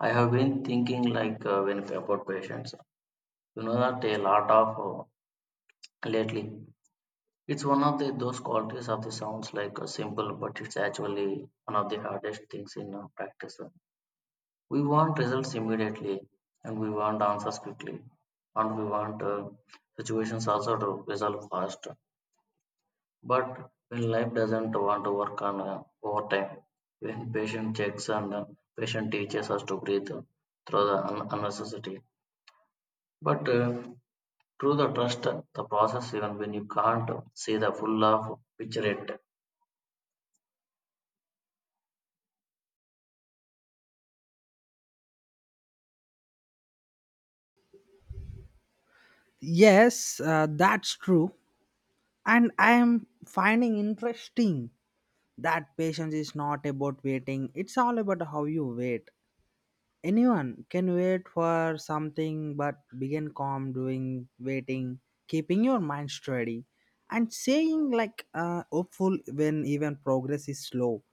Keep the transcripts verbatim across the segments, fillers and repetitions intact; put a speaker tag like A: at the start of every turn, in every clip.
A: I have been thinking like uh, when about patience, you know that a lot of uh, lately. It's one of the those qualities of the sounds like uh, simple, but it's actually one of the hardest things in uh, practice. We want results immediately, and we want answers quickly, and we want uh, situations also to resolve fast. But when life doesn't want to work on uh, overtime, when patient checks and uh, patient teaches us to breathe through the un- unnecessity, but uh, through the trust the process even when you can't see the full of picture it.
B: Yes, uh, that's true. And I am finding interesting that patience is not about waiting, it's all about how you wait. Anyone can wait for something, but begin calm doing waiting, keeping your mind steady, and saying like uh, hopeful when even progress is slow.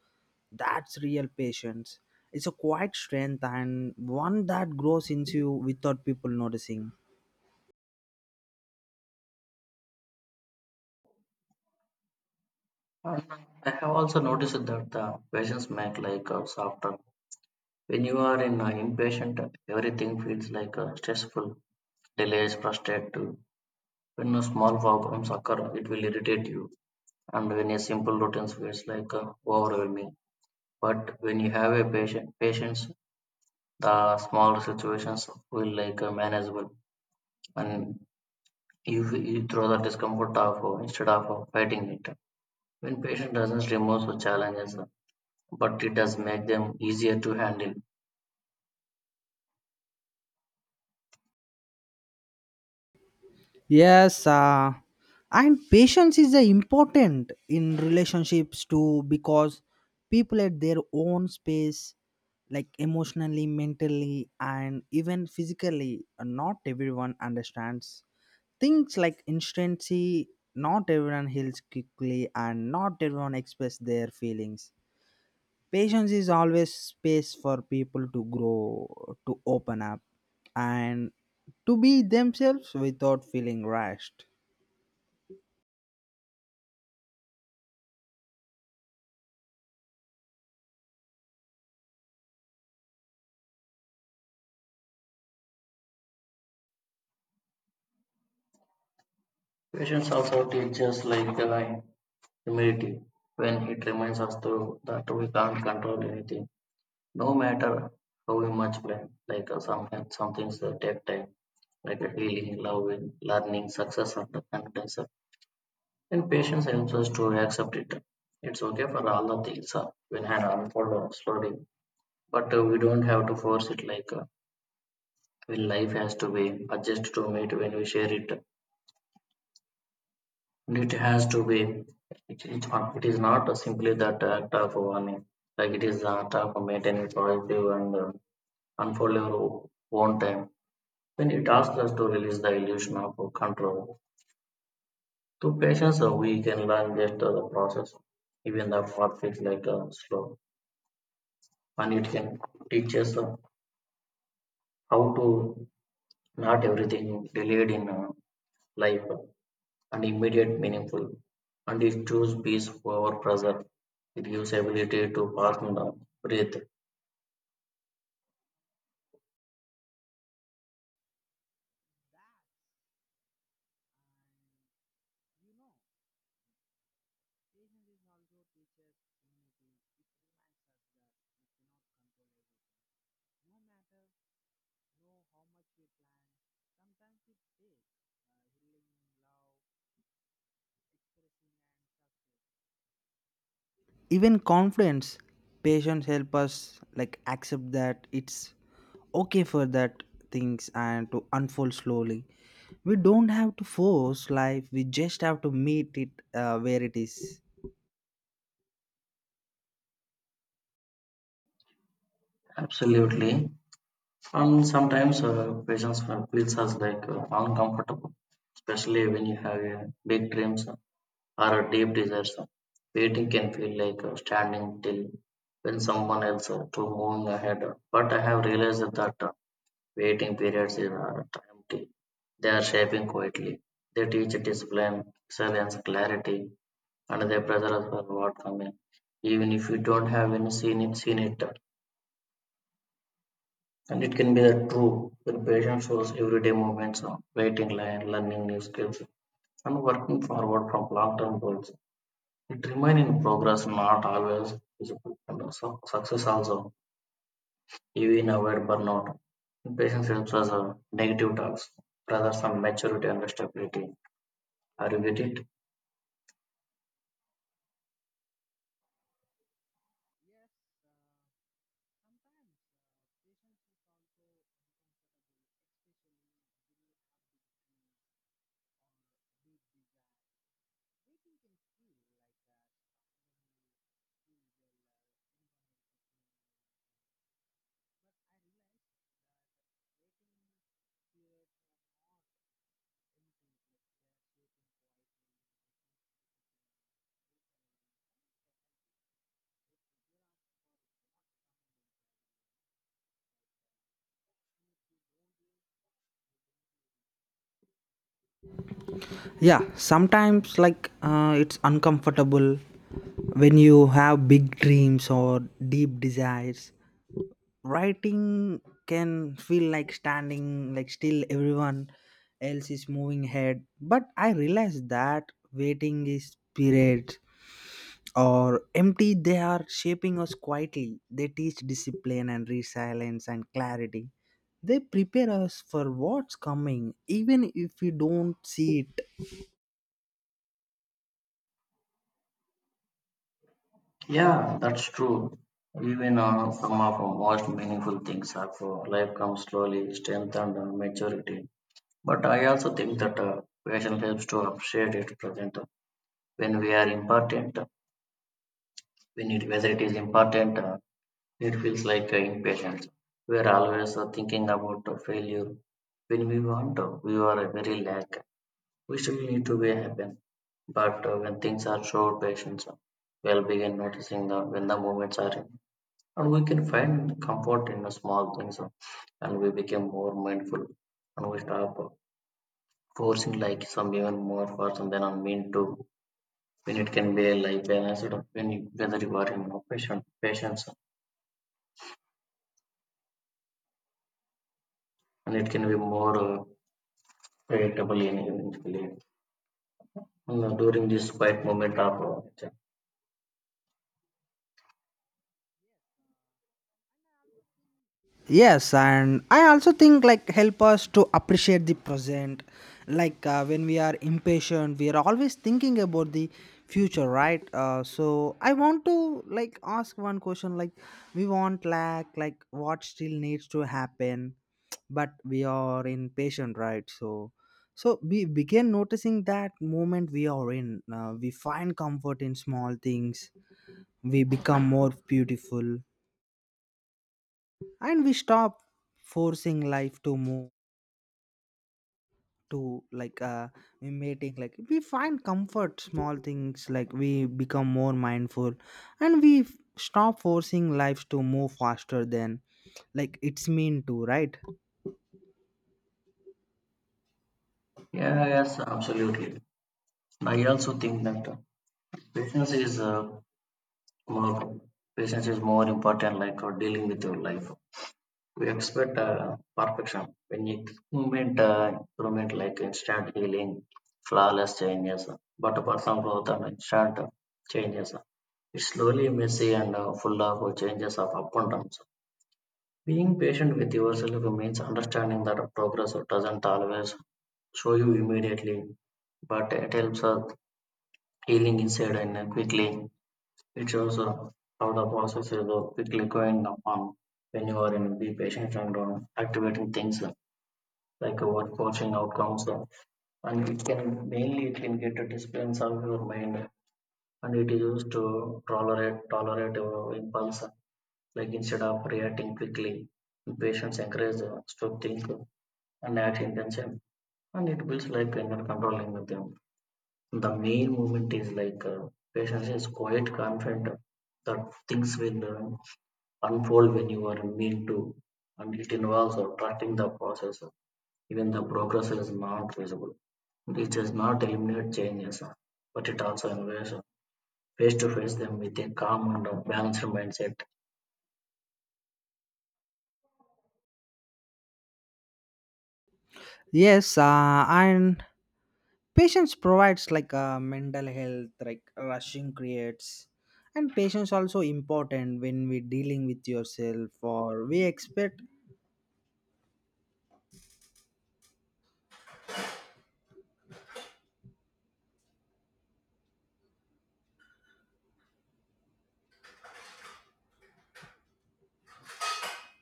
B: That's real patience. It's a quiet strength and one that grows into you without people noticing.
A: And I have also noticed that the patients make like uh, softer. When you are in an impatient, everything feels like a stressful, delays, frustrated. When a small problems occur, it will irritate you. And when a simple routine feels like uh, overwhelming. But when you have a patient, patience, the small situations will like uh, manageable. And you, you throw the discomfort off of- uh, instead of uh, fighting it. When patient doesn't remove the challenges, uh, but it does make them easier to handle.
B: Yes, uh, and patience is uh, important in relationships too because people at their own space, like emotionally, mentally, and even physically, uh, not everyone understands things like instancy. Not everyone heals quickly, and not everyone expresses their feelings. Patience is always space for people to grow, to open up, and to be themselves without feeling rushed.
A: Patience also teaches like uh, humility when it reminds us to that we can't control anything, no matter how we much pain. Like uh, some some things uh, take time, like uh, healing, loving, learning, success, and confidence. And patience helps us to accept it. It's okay for all the things uh, when hand unfold slowly. But uh, we don't have to force it like uh, when life has to be adjusted to meet when we share it. And it has to be. It, it, it is not uh, simply that uh, act of warning. Like it is the act of maintaining positive and uh, unfold your own time. When it asks us to release the illusion of uh, control. Through patience, uh, we can learn just uh, the process, even the path feels like uh, slow. And it can teach us uh, how to not everything delayed in uh, life and immediate meaningful, and it chooses peace over pressure. It gives ability to partner, breathe.
B: No matter know how much we plan, sometimes it takes uh, healing, love, even confidence patience help us like accept that it's okay for that things and to unfold slowly. We don't have to force life, we just have to meet it uh, where it is.
A: Absolutely. And sometimes uh, patience uh, feels us like uh, uncomfortable, especially when you have uh, big dreams or a deep desires. Waiting can feel like uh, standing still when someone else uh, to moving ahead. But I have realized that uh, waiting periods are empty. They are shaping quietly. They teach discipline, silence, clarity, another brother as well what I even if you don't have any seen it seen it, and it can be the true where patient shows everyday movements of waiting line, learning new skills, and working forward from long-term goals. It remains in progress, not always visible, and also success also, even avoid burnout. Patience helps us uh, negative talks rather some maturity and stability. Are you with it?
B: Yeah, sometimes like uh, it's uncomfortable when you have big dreams or deep desires. Writing can feel like standing like still, everyone else is moving ahead, but I realize that waiting is periods or empty. They are shaping us quietly, they teach discipline and resilience and clarity. They prepare us for what's coming even if we don't see it.
A: Yeah, that's true. Even uh, some of our most meaningful things are for life comes slowly, strength and uh, maturity. But I also think that uh, patience helps to appreciate it present. When we are important, when it, whether it is important, uh, it feels like uh, impatience. We are always uh, thinking about uh, failure. When we want, uh, we are uh, very lack. We still need to be happy. But uh, when things are short, patience uh, will begin noticing the, when the moments are, and we can find comfort in the small things uh, and we become more mindful, and we stop uh, forcing like some even more force and then unmean to, when it can be like balanced up when you, whether you are in a patient patience, and it can be more uh, predictable in eventually, and, uh, during this quiet moment of uh, check.
B: Yes, and I also think like help us to appreciate the present. Like uh, when we are impatient, we are always thinking about the future, right? Uh, so I want to like ask one question: like we want lack, like what still needs to happen, but we are impatient, right? So, so we begin noticing that moment we are in. Uh, we find comfort in small things. We become more beautiful and we stop forcing life to move to like uh mating, like we find comfort small things, like we become more mindful and we f- stop forcing lives to move faster than like it's mean to, right?
A: Yeah, yes, absolutely. I also think that uh, patience is uh, more patience is more important like uh, dealing with your life. We expect uh, perfection. We need movement, uh, improvement, like instant healing, flawless changes, but personal growth and instant changes. It's slowly messy and uh, full of changes of up and downs. Being patient with yourself means understanding that progress doesn't always show you immediately, but it helps us healing inside and uh, quickly. It shows uh, how the process is uh, quickly going upon when you are in be patient and uh, activating things like our coaching outcomes uh, and it can mainly it can get a disciplines of your mind, and it is used to tolerate tolerate uh, impulse, like instead of reacting quickly, patience encourages us to think and act intention, and it builds like inner controlling with them. The main movement is like uh, patience is quite confident that things will uh, unfold when you are mean to, and it involves uh, trusting the process, uh, even the progress is not visible. This does not eliminate changes, but it also encourages face to face them with a calm and balanced mindset.
B: Yes, uh and patience provides like uh, mental health like rushing creates. And patience also important when we dealing with yourself or we expect.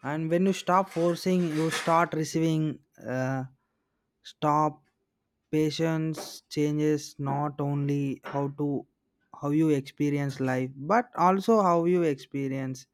B: And when you stop forcing you start receiving, uh, stop. Patience changes not only how to how you experience life but also how you experience